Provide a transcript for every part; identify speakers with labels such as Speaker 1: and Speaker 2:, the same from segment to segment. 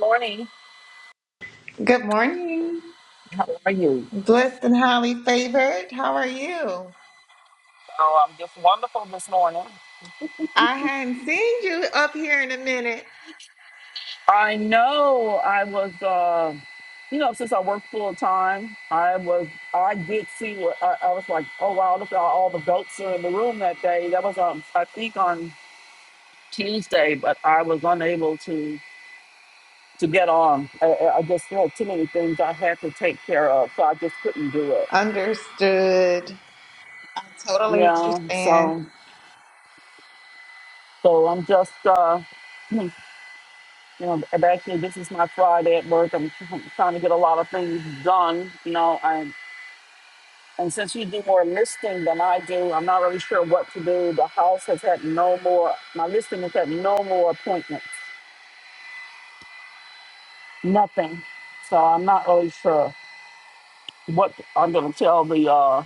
Speaker 1: Morning.
Speaker 2: Good morning.
Speaker 1: How are you?
Speaker 2: Blessed and highly favored. How are you?
Speaker 1: Oh, I'm just wonderful this morning.
Speaker 2: I hadn't seen you up here in a minute.
Speaker 1: I know I was, uh, you know, since I work full time, I was, I did see what I, I was like. Oh wow, look at all the goats are in the room that day. That was, um, I think on Tuesday, but I was unable to to get on. I, I I just had too many things I had to take care of, so I just couldn't do it.
Speaker 2: Understood. Totally
Speaker 1: Yeah.
Speaker 2: understand.
Speaker 1: So, so I'm just. uh You know, and actually, this is my Friday at work. I'm tr- trying to get a lot of things done. You know, and and since you do more listing than I do, I'm not really sure what to do. The house has had no more. My listing has had no more appointments. Nothing. So I'm not really sure what I'm going to tell the uh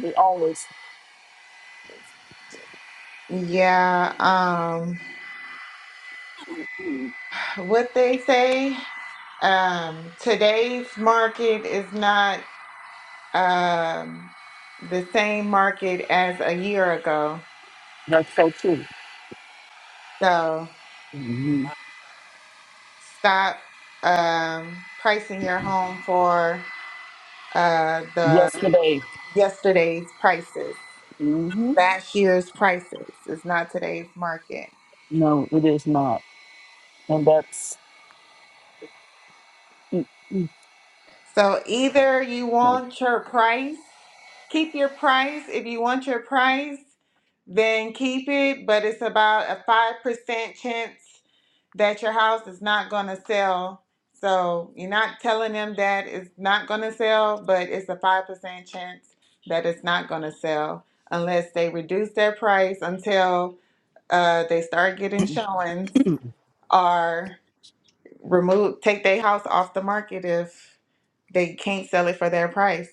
Speaker 1: the owners.
Speaker 2: Yeah, um
Speaker 1: Hmm,
Speaker 2: what they say, um today's market is not um the same market as a year ago.
Speaker 1: That's so true.
Speaker 2: So
Speaker 1: hmm
Speaker 2: stop um pricing your home for uh the
Speaker 1: Yesterday.
Speaker 2: yesterday's prices,
Speaker 1: hmm
Speaker 2: last year's prices. It's not today's market.
Speaker 1: No, it is not. And that's.
Speaker 2: So either you
Speaker 1: like,
Speaker 2: want your price, keep your price. If you want your price, then keep it, but it's about a 5% chance that your house is not going to sell. So you're not telling them that it's not going to sell, but it's a 5% chance that it's not going to sell unless they reduce their price until uh, they start getting showings are removed, take their house off the market if they can't sell it for their price.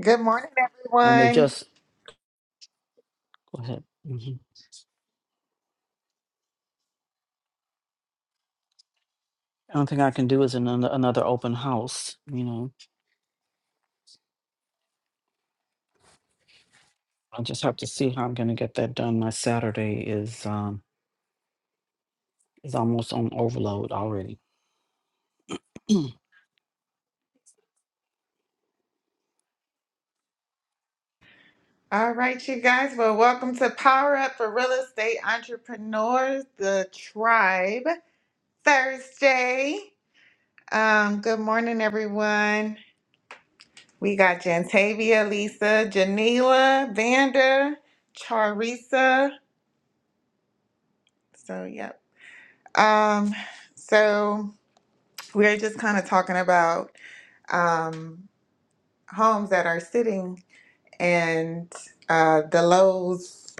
Speaker 2: Good morning, everyone. All right, you guys. Well, welcome to Power Up for Real Estate Entrepreneurs, the Tribe Thursday. Um, good morning, everyone. We got Jantavia, Lisa, Janila, Vanda, Charissa. So, yep. Um, so we're just kind of talking about um homes that are sitting and uh, the lows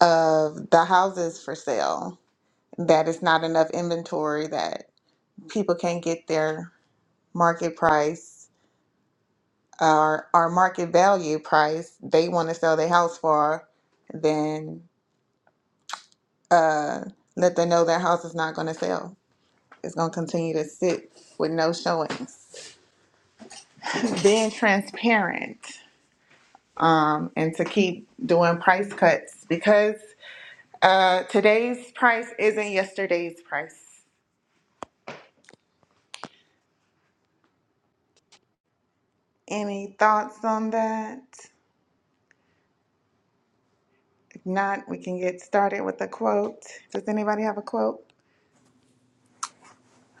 Speaker 2: of the houses for sale, that it's not enough inventory, that people can't get their market price or, or market value price they want to sell their house for, then uh, let them know their house is not going to sell. It's going to continue to sit with no showings. Being transparent um, and to keep doing price cuts because Uh, today's price isn't yesterday's price. Any thoughts on that? If not, we can get started with a quote. Does anybody have a quote?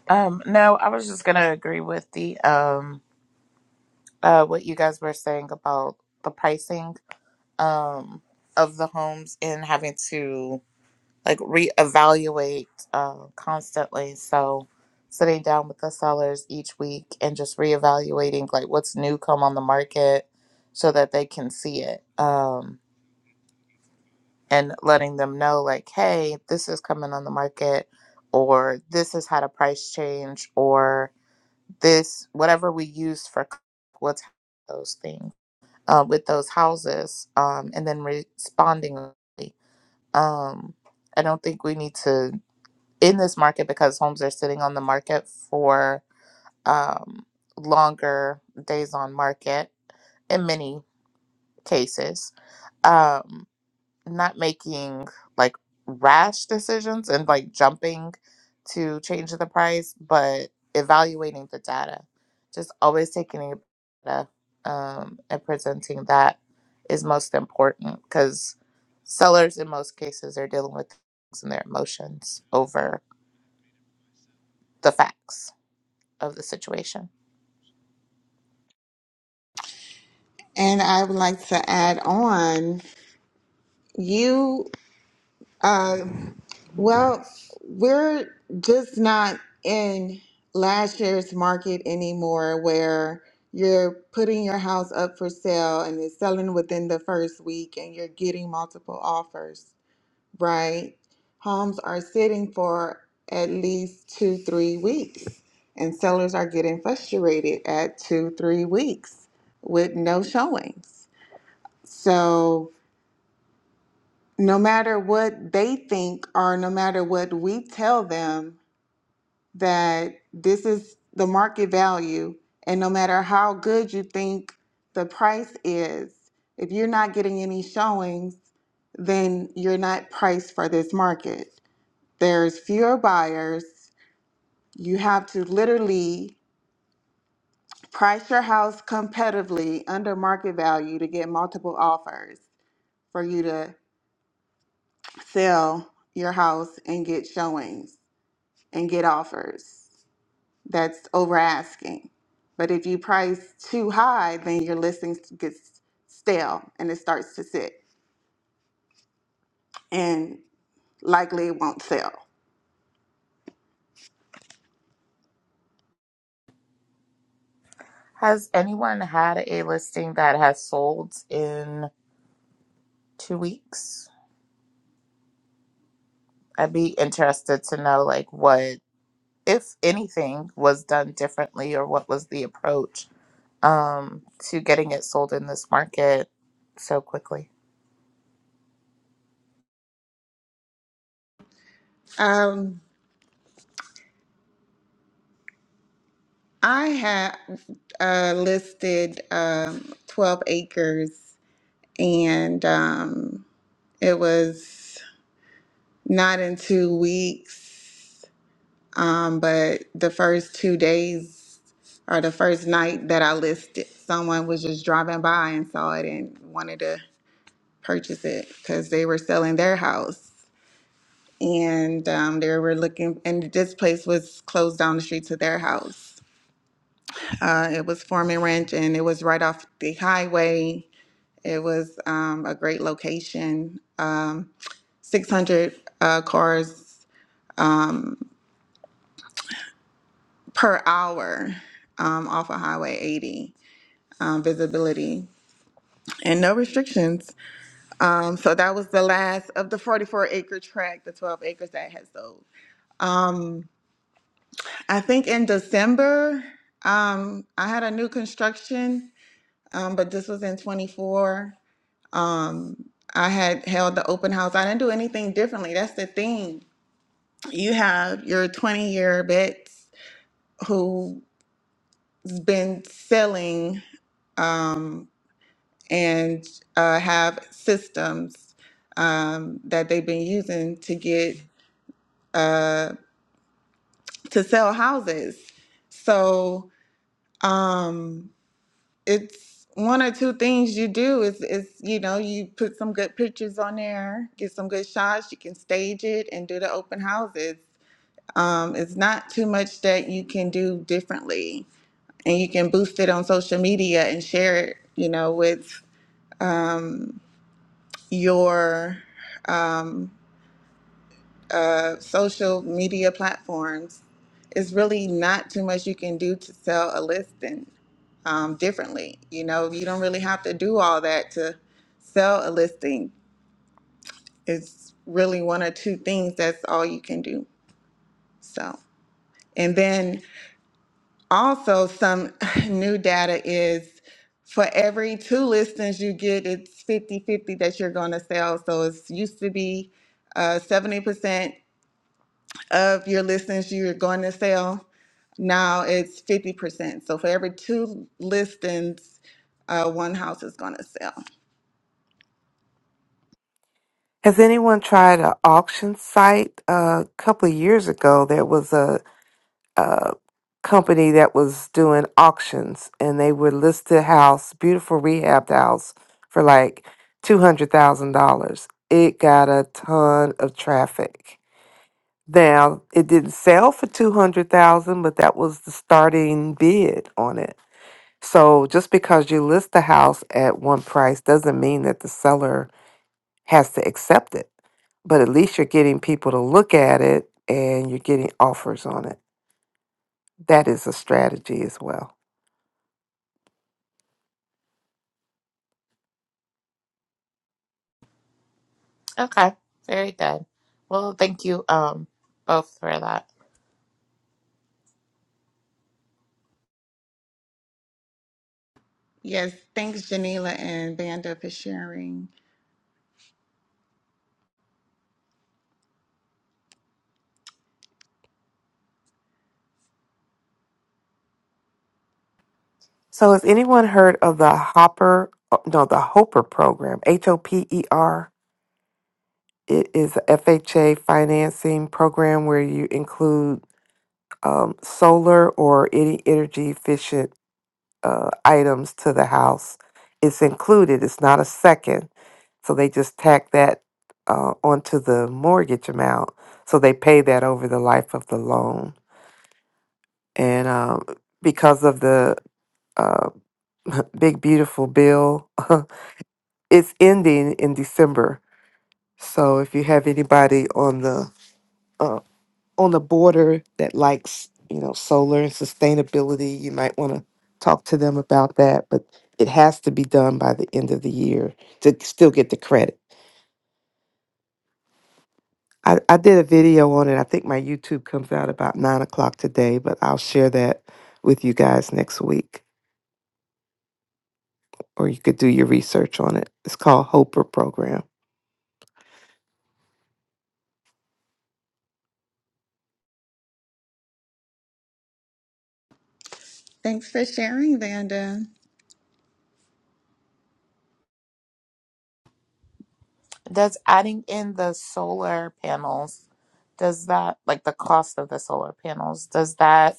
Speaker 3: Um, no, I was just gonna agree with the um uh what you guys were saying about the pricing um of the homes and having to like reevaluate uh constantly. So sitting down with the sellers each week and just reevaluating like what's new come on the market so that they can see it. Um and letting them know like, hey, this is coming on the market or this has had a price change or this whatever we use for c- what's those things uh, with those houses um, and then responding um, i don't think we need to in this market because homes are sitting on the market for um, longer days on market in many cases Um, not making like rash decisions and like jumping to change the price, but evaluating the data. Just always taking in data um, and presenting that is most important because sellers in most cases are dealing with things and their emotions over the facts of the situation.
Speaker 2: And I would like to add on you, uh, well, we're just not in last year's market anymore where you're putting your house up for sale and it's selling within the first week and you're getting multiple offers. right? Homes are sitting for at least two, three weeks, and sellers are getting frustrated at two, three weeks with no showings. So, no matter what they think, or no matter what we tell them, that this is the market value, and no matter how good you think the price is, if you're not getting any showings, then you're not priced for this market. there's fewer buyers. You have to literally price your house competitively under market value to get multiple offers for you to sell your house and get showings and get offers. That's over asking. But if you price too high, then your listing gets stale and it starts to sit and likely it won't sell.
Speaker 3: Has anyone had a listing that has sold in two weeks? I'd be interested to know like what if anything was done differently or what was the approach um, to getting it sold in this market so quickly.
Speaker 2: Um, I had uh, listed um, 12 acres and um, it was not in two weeks, um, but the first two days or the first night that I listed, someone was just driving by and saw it and wanted to purchase it because they were selling their house. And um, they were looking, and this place was closed down the street to their house. Uh, it was Foreman Ranch, and it was right off the highway. It was um, a great location. Um, 600 uh, cars um, per hour um, off of Highway 80 um, visibility and no restrictions. Um, so that was the last of the 44 acre tract, the 12 acres that had sold. Um, I think in December, um, I had a new construction, um, but this was in 24. Um, I had held the open house. I didn't do anything differently. That's the thing. You have your 20 year vets who been selling um, and uh, have systems um, that they've been using to get uh, to sell houses. So um, it's one or two things you do is is you know you put some good pictures on there, get some good shots. You can stage it and do the open houses. Um, it's not too much that you can do differently, and you can boost it on social media and share it. You know with um, your um, uh, social media platforms. It's really not too much you can do to sell a listing um, differently. You know, you don't really have to do all that to sell a listing. It's really one or two things. That's all you can do. So, and then Also, some new data is for every two listings you get, it's 50 50 that you're going to sell. So it used to be uh, 70% of your listings you're going to sell. Now it's 50%. So for every two listings, uh, one house is going to sell.
Speaker 4: Has anyone tried an auction site? a couple of years ago, there was a, a company that was doing auctions, and they would list a house, beautiful rehabbed house, for like two hundred thousand dollars. It got a ton of traffic. Now it didn't sell for two hundred thousand, but that was the starting bid on it. So just because you list the house at one price doesn't mean that the seller has to accept it. But at least you're getting people to look at it and you're getting offers on it. That is a strategy as well.
Speaker 3: Okay, very good. Well, thank you um, both for that.
Speaker 2: Yes, thanks, Janila and Vanda, for sharing.
Speaker 4: So has anyone heard of the Hopper uh, no, the Hopper program, H O P E R? It is a FHA financing program where you include um, solar or any energy efficient uh, items to the house. It's included, it's not a second. So they just tack that uh, onto the mortgage amount. So they pay that over the life of the loan. And um, because of the uh, big, beautiful bill, it's ending in December. So if you have anybody on the uh, on the border that likes, you know, solar and sustainability, you might want to talk to them about that. But it has to be done by the end of the year to still get the credit. I, I did a video on it. I think my YouTube comes out about nine o'clock today, but I'll share that with you guys next week, or you could do your research on it. It's called Hoper Program.
Speaker 2: Thanks for sharing, Vanda.
Speaker 3: Does adding in the solar panels, does that, like the cost of the solar panels, does that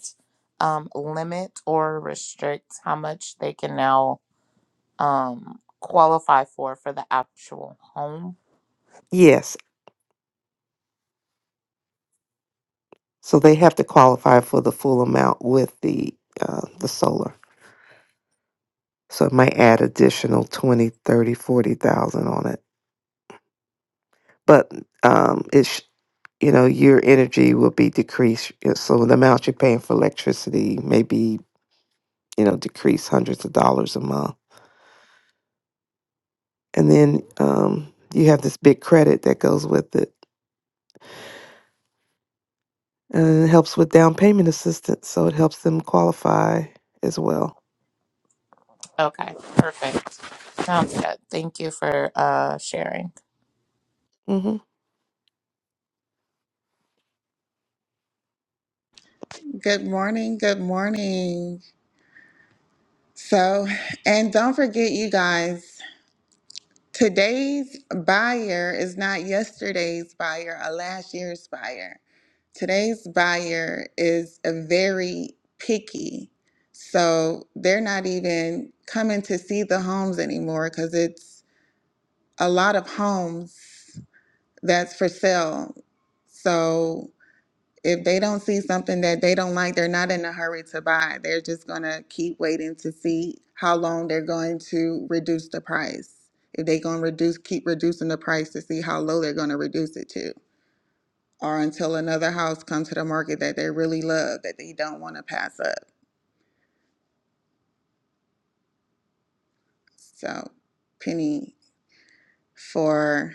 Speaker 3: um, limit or restrict how much they can now um, qualify for for the actual home?
Speaker 4: Yes, so they have to qualify for the full amount with the uh, the solar. So it might add additional 20, 30, 40,000 on it. but um, it's you know your energy will be decreased. you So the amount you're paying for electricity may be you know decreased hundreds of dollars a month, and then um, you have this big credit that goes with it, and it helps with down payment assistance. So it helps them qualify as well.
Speaker 3: Okay, perfect. Sounds good. Thank you for uh, sharing.
Speaker 4: hmm
Speaker 2: Good morning. Good morning. So, and don't forget, you guys. Today's buyer is not yesterday's buyer or last year's buyer. Today's buyer is a very picky. So they're not even coming to see the homes anymore because it's a lot of homes that's for sale. So if they don't see something that they don't like, they're not in a hurry to buy. They're just going to keep waiting to see how long they're going to reduce the price. If they're going to reduce, keep reducing the price to see how low they're going to reduce it to, or until another house comes to the market that they really love that they don't want to pass up. So, Penny, for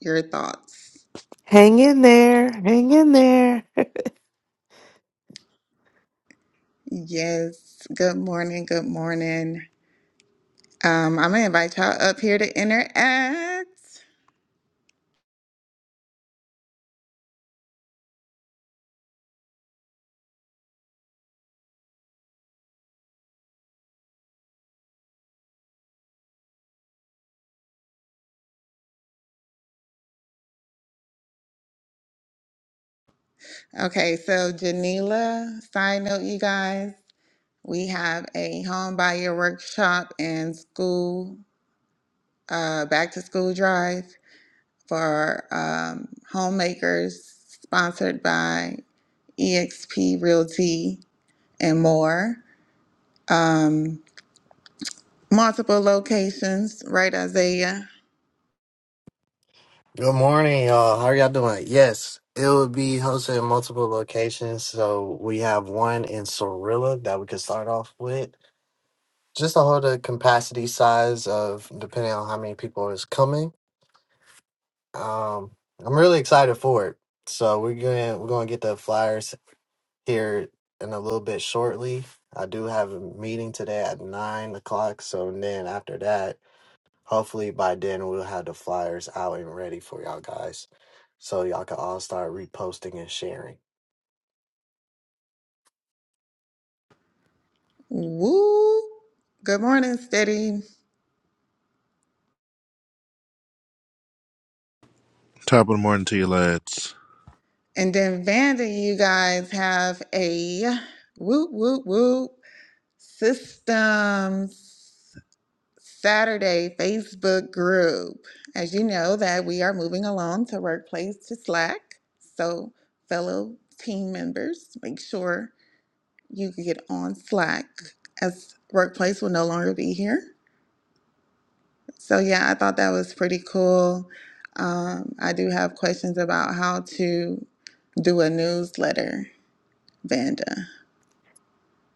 Speaker 2: your thoughts.
Speaker 4: Hang in there, hang in there.
Speaker 2: Yes. Good morning. Good morning. Um, I'm gonna invite y'all up here to interact. Okay, so Janila, side note, you guys, we have a home buyer workshop and school, uh, back to school drive for um, homemakers sponsored by EXP Realty and more. Um, multiple locations, right, Isaiah?
Speaker 5: Good morning, y'all. How are y'all doing? Yes, it will be hosted in multiple locations. So we have one in Sorilla that we could start off with, just to hold the capacity size of depending on how many people is coming. Um, I'm really excited for it. So we're gonna we're gonna get the flyers here in a little bit shortly. I do have a meeting today at nine o'clock. So and then after that. Hopefully by then we'll have the flyers out and ready for y'all guys. So y'all can all start reposting and sharing.
Speaker 2: Woo! Good morning, Steady.
Speaker 6: Top of the morning to you, lads.
Speaker 2: And then Vanda, you guys have a whoop, whoop, whoop. Systems Saturday Facebook group. As you know, that we are moving along to workplace to Slack. So, fellow team members, make sure you get on Slack as workplace will no longer be here. So, yeah, I thought that was pretty cool. Um, I do have questions about how to do a newsletter, Vanda.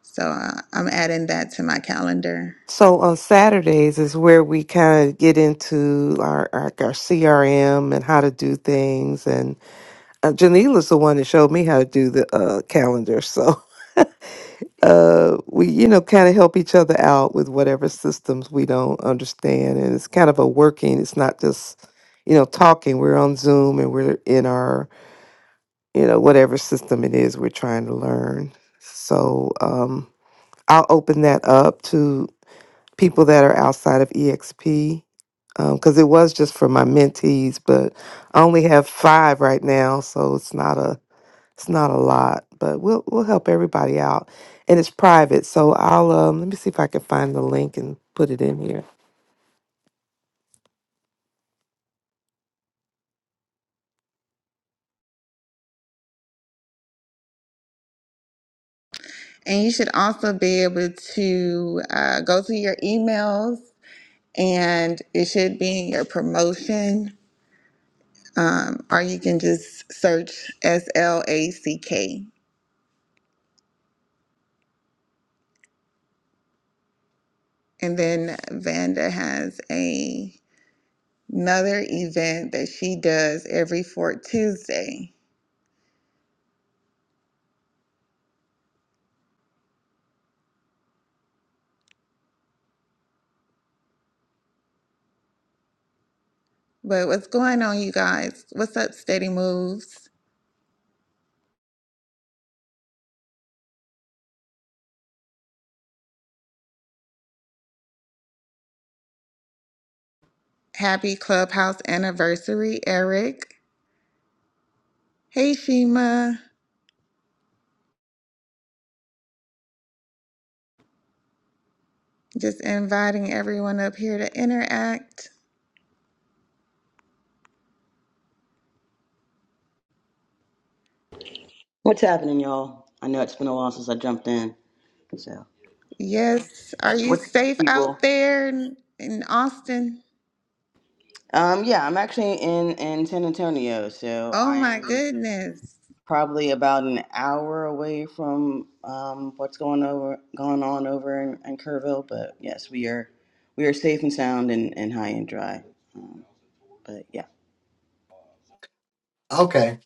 Speaker 2: So, uh, I'm adding that to my calendar
Speaker 4: So on Saturdays is where we kind of get into our, our our CRM and how to do things and uh, Janila's the one that showed me how to do the uh, calendar. So uh, we, you know, kind of help each other out with whatever systems we don't understand. And it's kind of a working, it's not just, you know, talking. We're on Zoom and we're in our, you know, whatever system it is we're trying to learn. So um, I'll open that up to people that are outside of EXP because it was just for my mentees, but I only have five right now. So it's not a, It's not a lot, but we'll we'll help everybody out, and it's private. So I'll um let me see if I can find the link and put it in here.
Speaker 2: And you should also be able to uh, go to your emails and it should be in your promotion, um, or you can just search S L A C K. And then Vanda has a, another event that she does every fourth Tuesday. But what's going on, you guys? What's up, Steady Moves? Happy clubhouse anniversary, Eric. Hey, Shima. Just inviting everyone up here to interact.
Speaker 7: What's happening, y'all? I know it's been a while since I jumped in. So,
Speaker 2: Yes. Are you
Speaker 7: what's good,
Speaker 2: safe
Speaker 7: people?
Speaker 2: out there in, in Austin?
Speaker 7: Um, yeah, I'm actually in in San Antonio, so
Speaker 2: Oh,
Speaker 7: I
Speaker 2: my
Speaker 7: am
Speaker 2: goodness.
Speaker 7: probably about an hour away from um what's going over going on over in, in Kerrville. But yes, we are we are safe and sound and, and high and dry. Um, but yeah,
Speaker 5: Okay.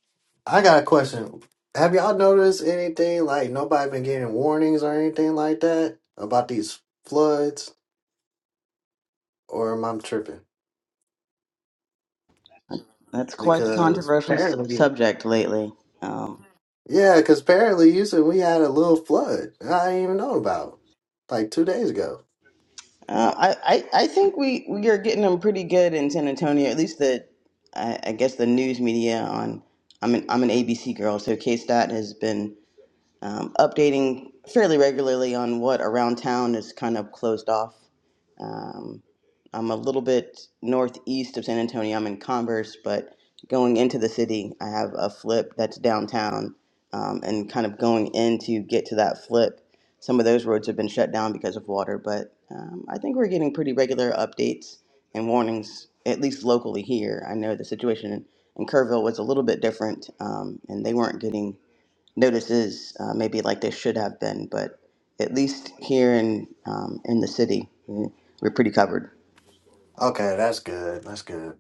Speaker 5: I got a question. Have y'all noticed anything like nobody been getting warnings or anything like that about these floods? Or am I tripping?
Speaker 7: that's quite the
Speaker 5: Because
Speaker 7: controversial s-
Speaker 5: apparently
Speaker 7: subject lately. Um,
Speaker 5: Yeah, because apparently you said we had a little flood. I didn't even know about. Like two days ago.
Speaker 7: Uh, I, I I think we, we are getting them pretty good in San Antonio. At least the I, I guess the news media on. I'm an I'm an ABC girl, so K Stat has been um, updating fairly regularly on what around town is kind of closed off. Um, I'm a little bit northeast of San Antonio. I'm in Converse, but going into the city, I have a flip that's downtown, um, and kind of going in to get to that flip. Some of those roads have been shut down because of water, but um, I think we're getting pretty regular updates and warnings, at least locally here. I know the situation in, in Kerrville was a little bit different, um, and they weren't getting notices, uh, maybe like they should have been, but at least here in um, in the city, mm, we're pretty covered.
Speaker 5: Okay, that's good. That's good.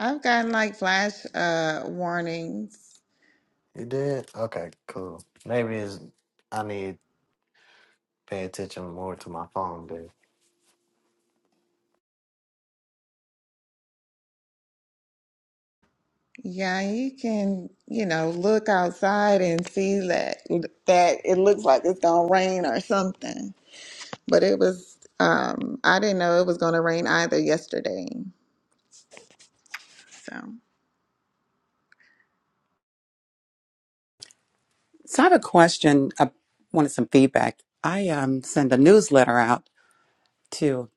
Speaker 2: I've gotten like flash uh, warnings.
Speaker 5: You did? Okay, cool. Maybe it's I need pay attention more to my phone, dude.
Speaker 2: Yeah, you can, you know, look outside and see that that it looks like it's gonna rain or something. But it was, um, I didn't know it was gonna rain either yesterday. So.
Speaker 8: So I have a question. I wanted some feedback. I um, send a newsletter out to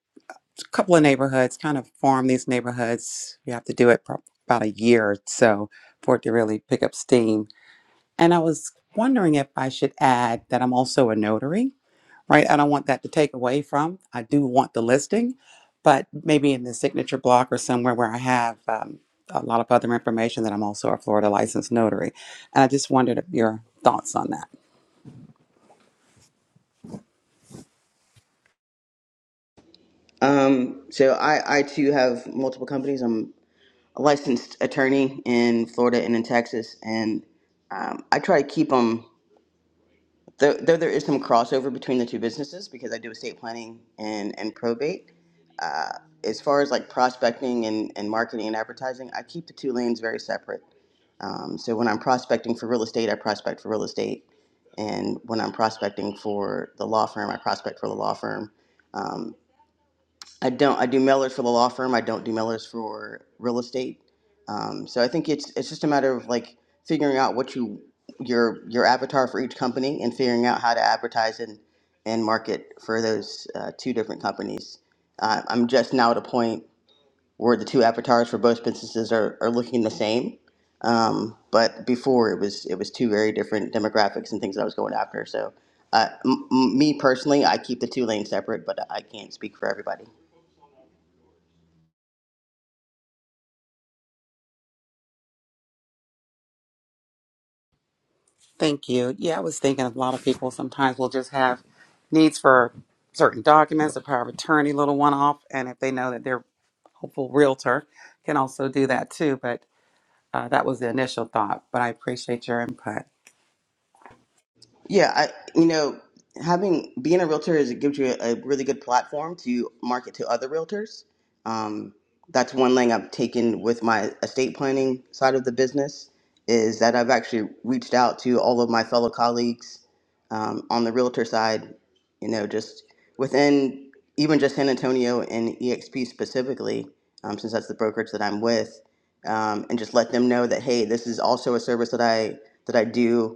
Speaker 8: a couple of neighborhoods, kind of form these neighborhoods. You have to do it for about a year or so for it to really pick up steam. And I was wondering if I should add that I'm also a notary, right? I don't want that to take away from. I do want the listing, but maybe in the signature block or somewhere where I have um, a lot of other information that I'm also a Florida licensed notary. And I just wondered your thoughts on that.
Speaker 7: Um, so I, I too have multiple companies. I'm a licensed attorney in Florida and in Texas, and um, I try to keep them. Though, though there is some crossover between the two businesses because I do estate planning and, and probate. Uh, as far as like prospecting and, and marketing and advertising, I keep the two lanes very separate. Um, so when I'm prospecting for real estate, I prospect for real estate. And when I'm prospecting for the law firm, I prospect for the law firm. Um, I don't. I do mailers for the law firm. I don't do mailers for real estate. Um, so I think it's it's just a matter of like figuring out what you your your avatar for each company and figuring out how to advertise and and market for those uh, two different companies. Uh, I'm just now at a point where the two avatars for both businesses are, are looking the same, um, but before it was it was two very different demographics and things that I was going after. So uh, m- m- me personally, I keep the two lanes separate, but I can't speak for everybody.
Speaker 8: Thank you. Yeah, I was thinking a lot of people sometimes will just have needs for certain documents, a power of attorney, little one off, and if they know that their hopeful realtor can also do that too. But uh, that was the initial thought. But I appreciate your input.
Speaker 7: Yeah, I you know having being a realtor is it gives you a, a really good platform to market to other realtors. Um, that's one thing I've taken with my estate planning side of the business is that I've actually reached out to all of my fellow colleagues um, on the realtor side. You know, just within even just San Antonio and EXP specifically, um, since that's the brokerage that I'm with, um, and just let them know that hey, this is also a service that I that I do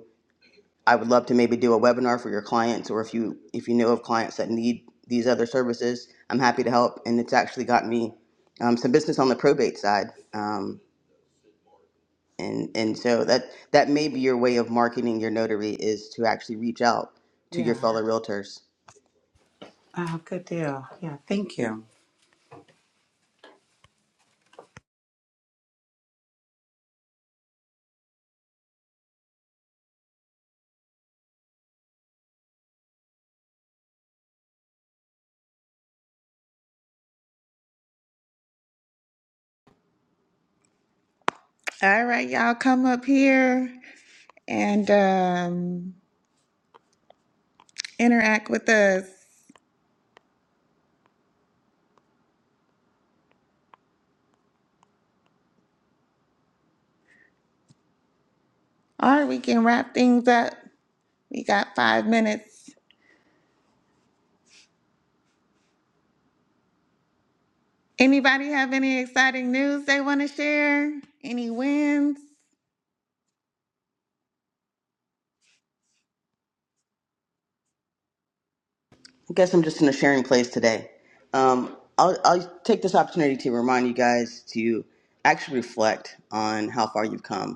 Speaker 7: I would love to maybe do a webinar for your clients, or if you if you know of clients that need these other services, I'm happy to help. And it's actually gotten me um, some business on the probate side, um, and and so that that may be your way of marketing your notary is to actually reach out to your
Speaker 8: Yeah.
Speaker 7: fellow realtors.
Speaker 8: Oh, good deal. Yeah. Thank you.
Speaker 2: All right, y'all come up here and um, interact with us. All right, we can wrap things up. We got five minutes. Anybody have any exciting news they want to share? Any wins?
Speaker 7: I guess I'm just in a sharing place today. Um, I'll, I'll take this opportunity to remind you guys to actually reflect on how far you've come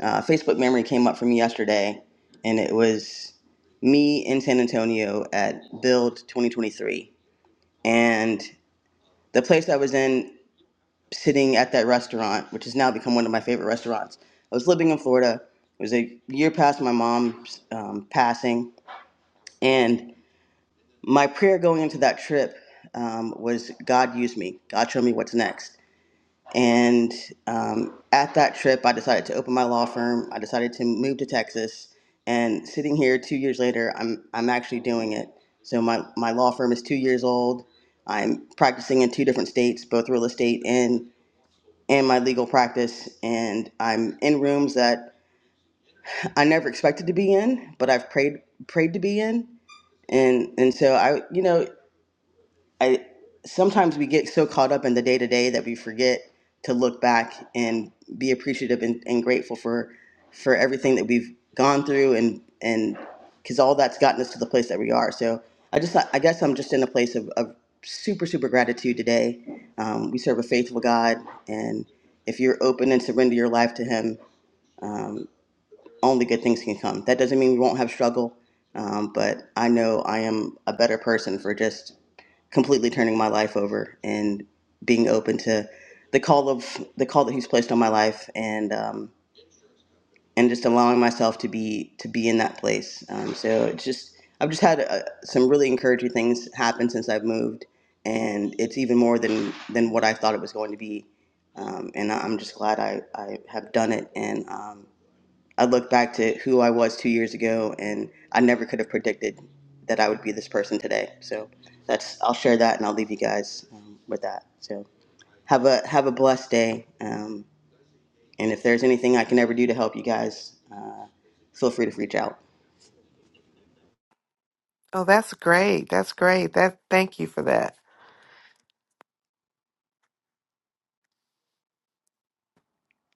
Speaker 7: Uh, Facebook memory came up for me yesterday, and it was me in San Antonio at Build 2023. And the place I was in, sitting at that restaurant, which has now become one of my favorite restaurants, I was living in Florida. It was a year past my mom's um, passing. And my prayer going into that trip um, was God, use me. God, show me what's next. And um, at that trip, I decided to open my law firm. I decided to move to Texas. And sitting here two years later, I'm, I'm actually doing it. So my, my law firm is two years old. I'm practicing in two different states, both real estate and, and my legal practice. And I'm in rooms that I never expected to be in, but I've prayed, prayed to be in. And, and so I, you know, I sometimes we get so caught up in the day to day that we forget to look back and be appreciative and, and grateful for for everything that we've gone through and and because all that's gotten us to the place that we are. So I just I guess I'm just in a place of, of super super gratitude today. Um, we serve a faithful God, and if you're open and surrender your life to Him, um, only good things can come. That doesn't mean we won't have struggle, um, but I know I am a better person for just completely turning my life over and being open to the call of the call that he's placed on my life and um, and just allowing myself to be to be in that place um, so it's just i've just had uh, some really encouraging things happen since i've moved and it's even more than than what i thought it was going to be um, and I- i'm just glad i i have done it and um, I look back to who I was two years ago, and I never could have predicted that I would be this person today. So that's I'll share that, and I'll leave you guys um, with that. So have a have a blessed day, um, and if there's anything I can ever do to help you guys, uh, feel free to reach out.
Speaker 4: Oh, that's great. That's great. That thank you for that,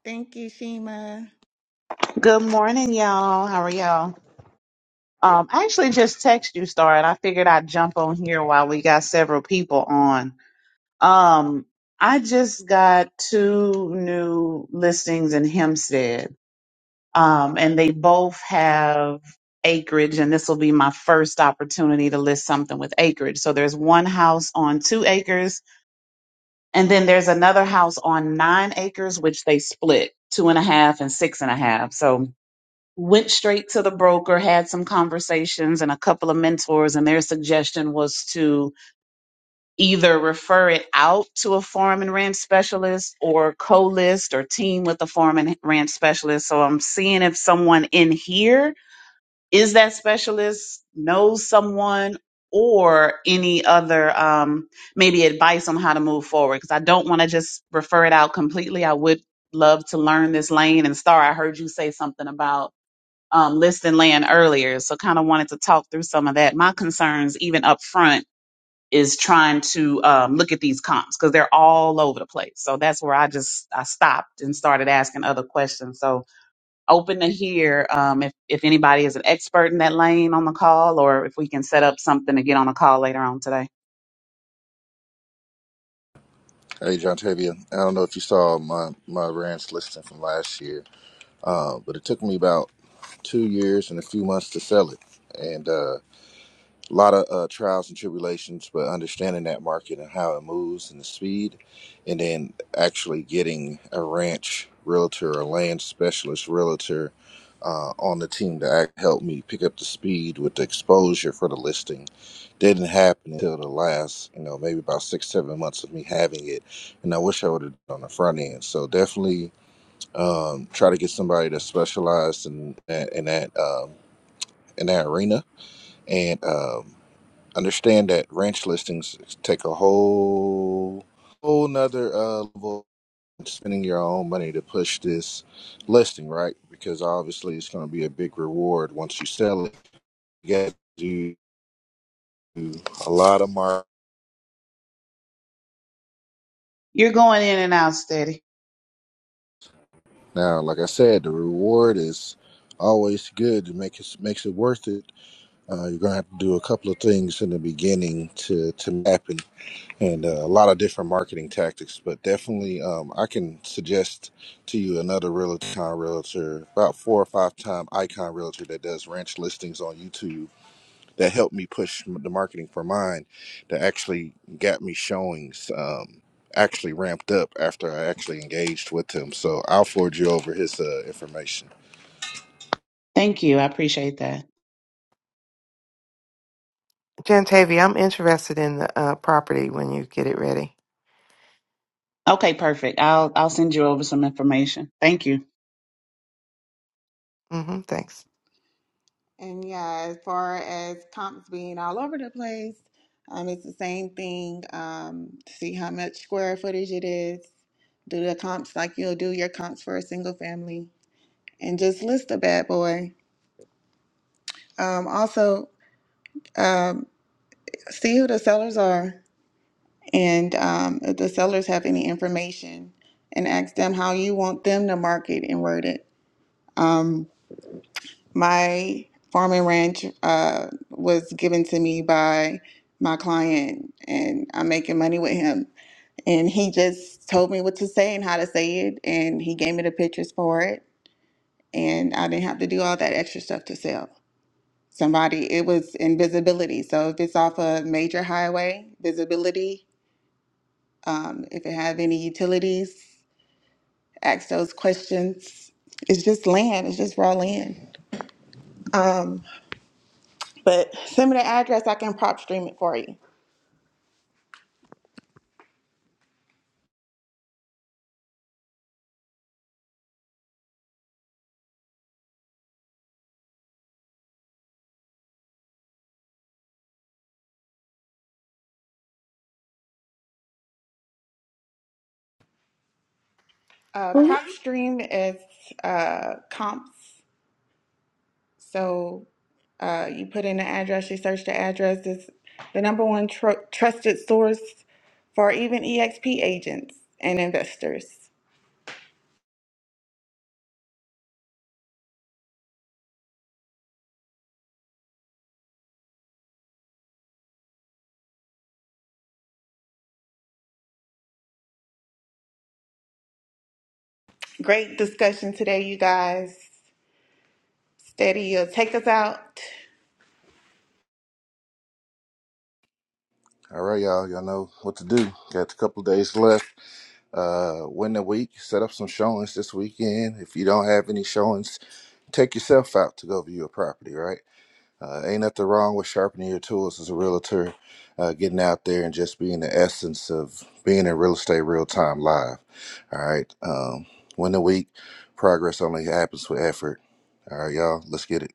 Speaker 2: Thank you, Shima.
Speaker 9: Good morning, y'all. How are y'all? Um, I actually just texted you, Star, and I figured I'd jump on here while we got several people on. Um, I just got two new listings in Hempstead, um, and they both have acreage, and this will be my first opportunity to list something with acreage. So there's one house on two acres, and then there's another house on nine acres, which they split two and a half and six and a half. So went straight to the broker, had some conversations and a couple of mentors, and their suggestion was to either refer it out to a farm and ranch specialist or co list or team with a farm and ranch specialist. So I'm seeing if someone in here is that specialist, knows someone. Or any other, um, maybe advice on how to move forward. Because I don't want to just refer it out completely. I would love to learn this lane. And Star, I heard you say something about um, listing land earlier. So kind of wanted to talk through some of that. My concerns, even up front, is trying to um, look at these comps because they're all over the place. So that's where I just I stopped and started asking other questions. So open to hear um, if if anybody is an expert in that lane on the call, or if we can set up something to get on a call later on today.
Speaker 6: Hey, John Tavia. I don't know if you saw my, my ranch listing from last year, uh, but it took me about two years and a few months to sell it. And uh, a lot of uh, trials and tribulations, but understanding that market and how it moves and the speed, and then actually getting a ranch realtor or land specialist realtor uh, on the team to act, help me pick up the speed with the exposure for the listing didn't happen until the last, you know, maybe about six, seven months of me having it. And I wish I would have done the front end. So definitely um, try to get somebody that's specialized in that in that um, in that arena and um, understand that ranch listings take a whole whole nother uh, level of spending your own money to push this listing, right? Because obviously it's going to be a big reward once you sell it. You got to do a lot of marketing
Speaker 9: You're going in and out steady.
Speaker 6: Now, like I said, the reward is always good. It makes it, makes it worth it. Uh, you're gonna have to do a couple of things in the beginning to to happen, and uh, a lot of different marketing tactics. But definitely, um, I can suggest to you another realtor, icon realtor, about four or five time icon realtor that does ranch listings on YouTube that helped me push m- the marketing for mine that actually got me showings um, actually ramped up after I actually engaged with him. So I'll forward you over his uh, information.
Speaker 9: Thank you. I appreciate that.
Speaker 4: Jantavy. I'm interested in the uh, property when you get it ready.
Speaker 9: Okay, perfect. I'll I'll send you over some information. Thank you.
Speaker 4: Mm-hmm. Thanks.
Speaker 2: And yeah, as far as comps being all over the place, um, it's the same thing. Um, see how much square footage it is. Do the comps like you'll do your comps for a single family, and just list a bad boy. Um, also, um, see who the sellers are and um, if the sellers have any information and ask them how you want them to market and word it. Um, my farm and ranch uh, was given to me by my client, and I'm making money with him. And he just told me what to say and how to say it, and he gave me the pictures for it, and I didn't have to do all that extra stuff to sell. somebody it was in visibility so if it's off a major highway visibility um, if it have any utilities ask those questions it's just land it's just raw land um, but send me the address i can prop stream it for you uh, prop stream is uh, comps so uh, you put in the address you search the address It's the number one tr- trusted source for even exp agents and investors Great discussion today, you guys. Steady, you'll take us out.
Speaker 6: All right, y'all. Y'all know what to do. Got a couple days left. Uh, win the week. Set up some showings this weekend. If you don't have any showings, take yourself out to go view a property, right? Uh, ain't nothing wrong with sharpening your tools as a realtor, uh, getting out there and just being the essence of being in real estate real time live. All right. Um, win the week. Progress only happens with effort. All right, y'all. Let's get it.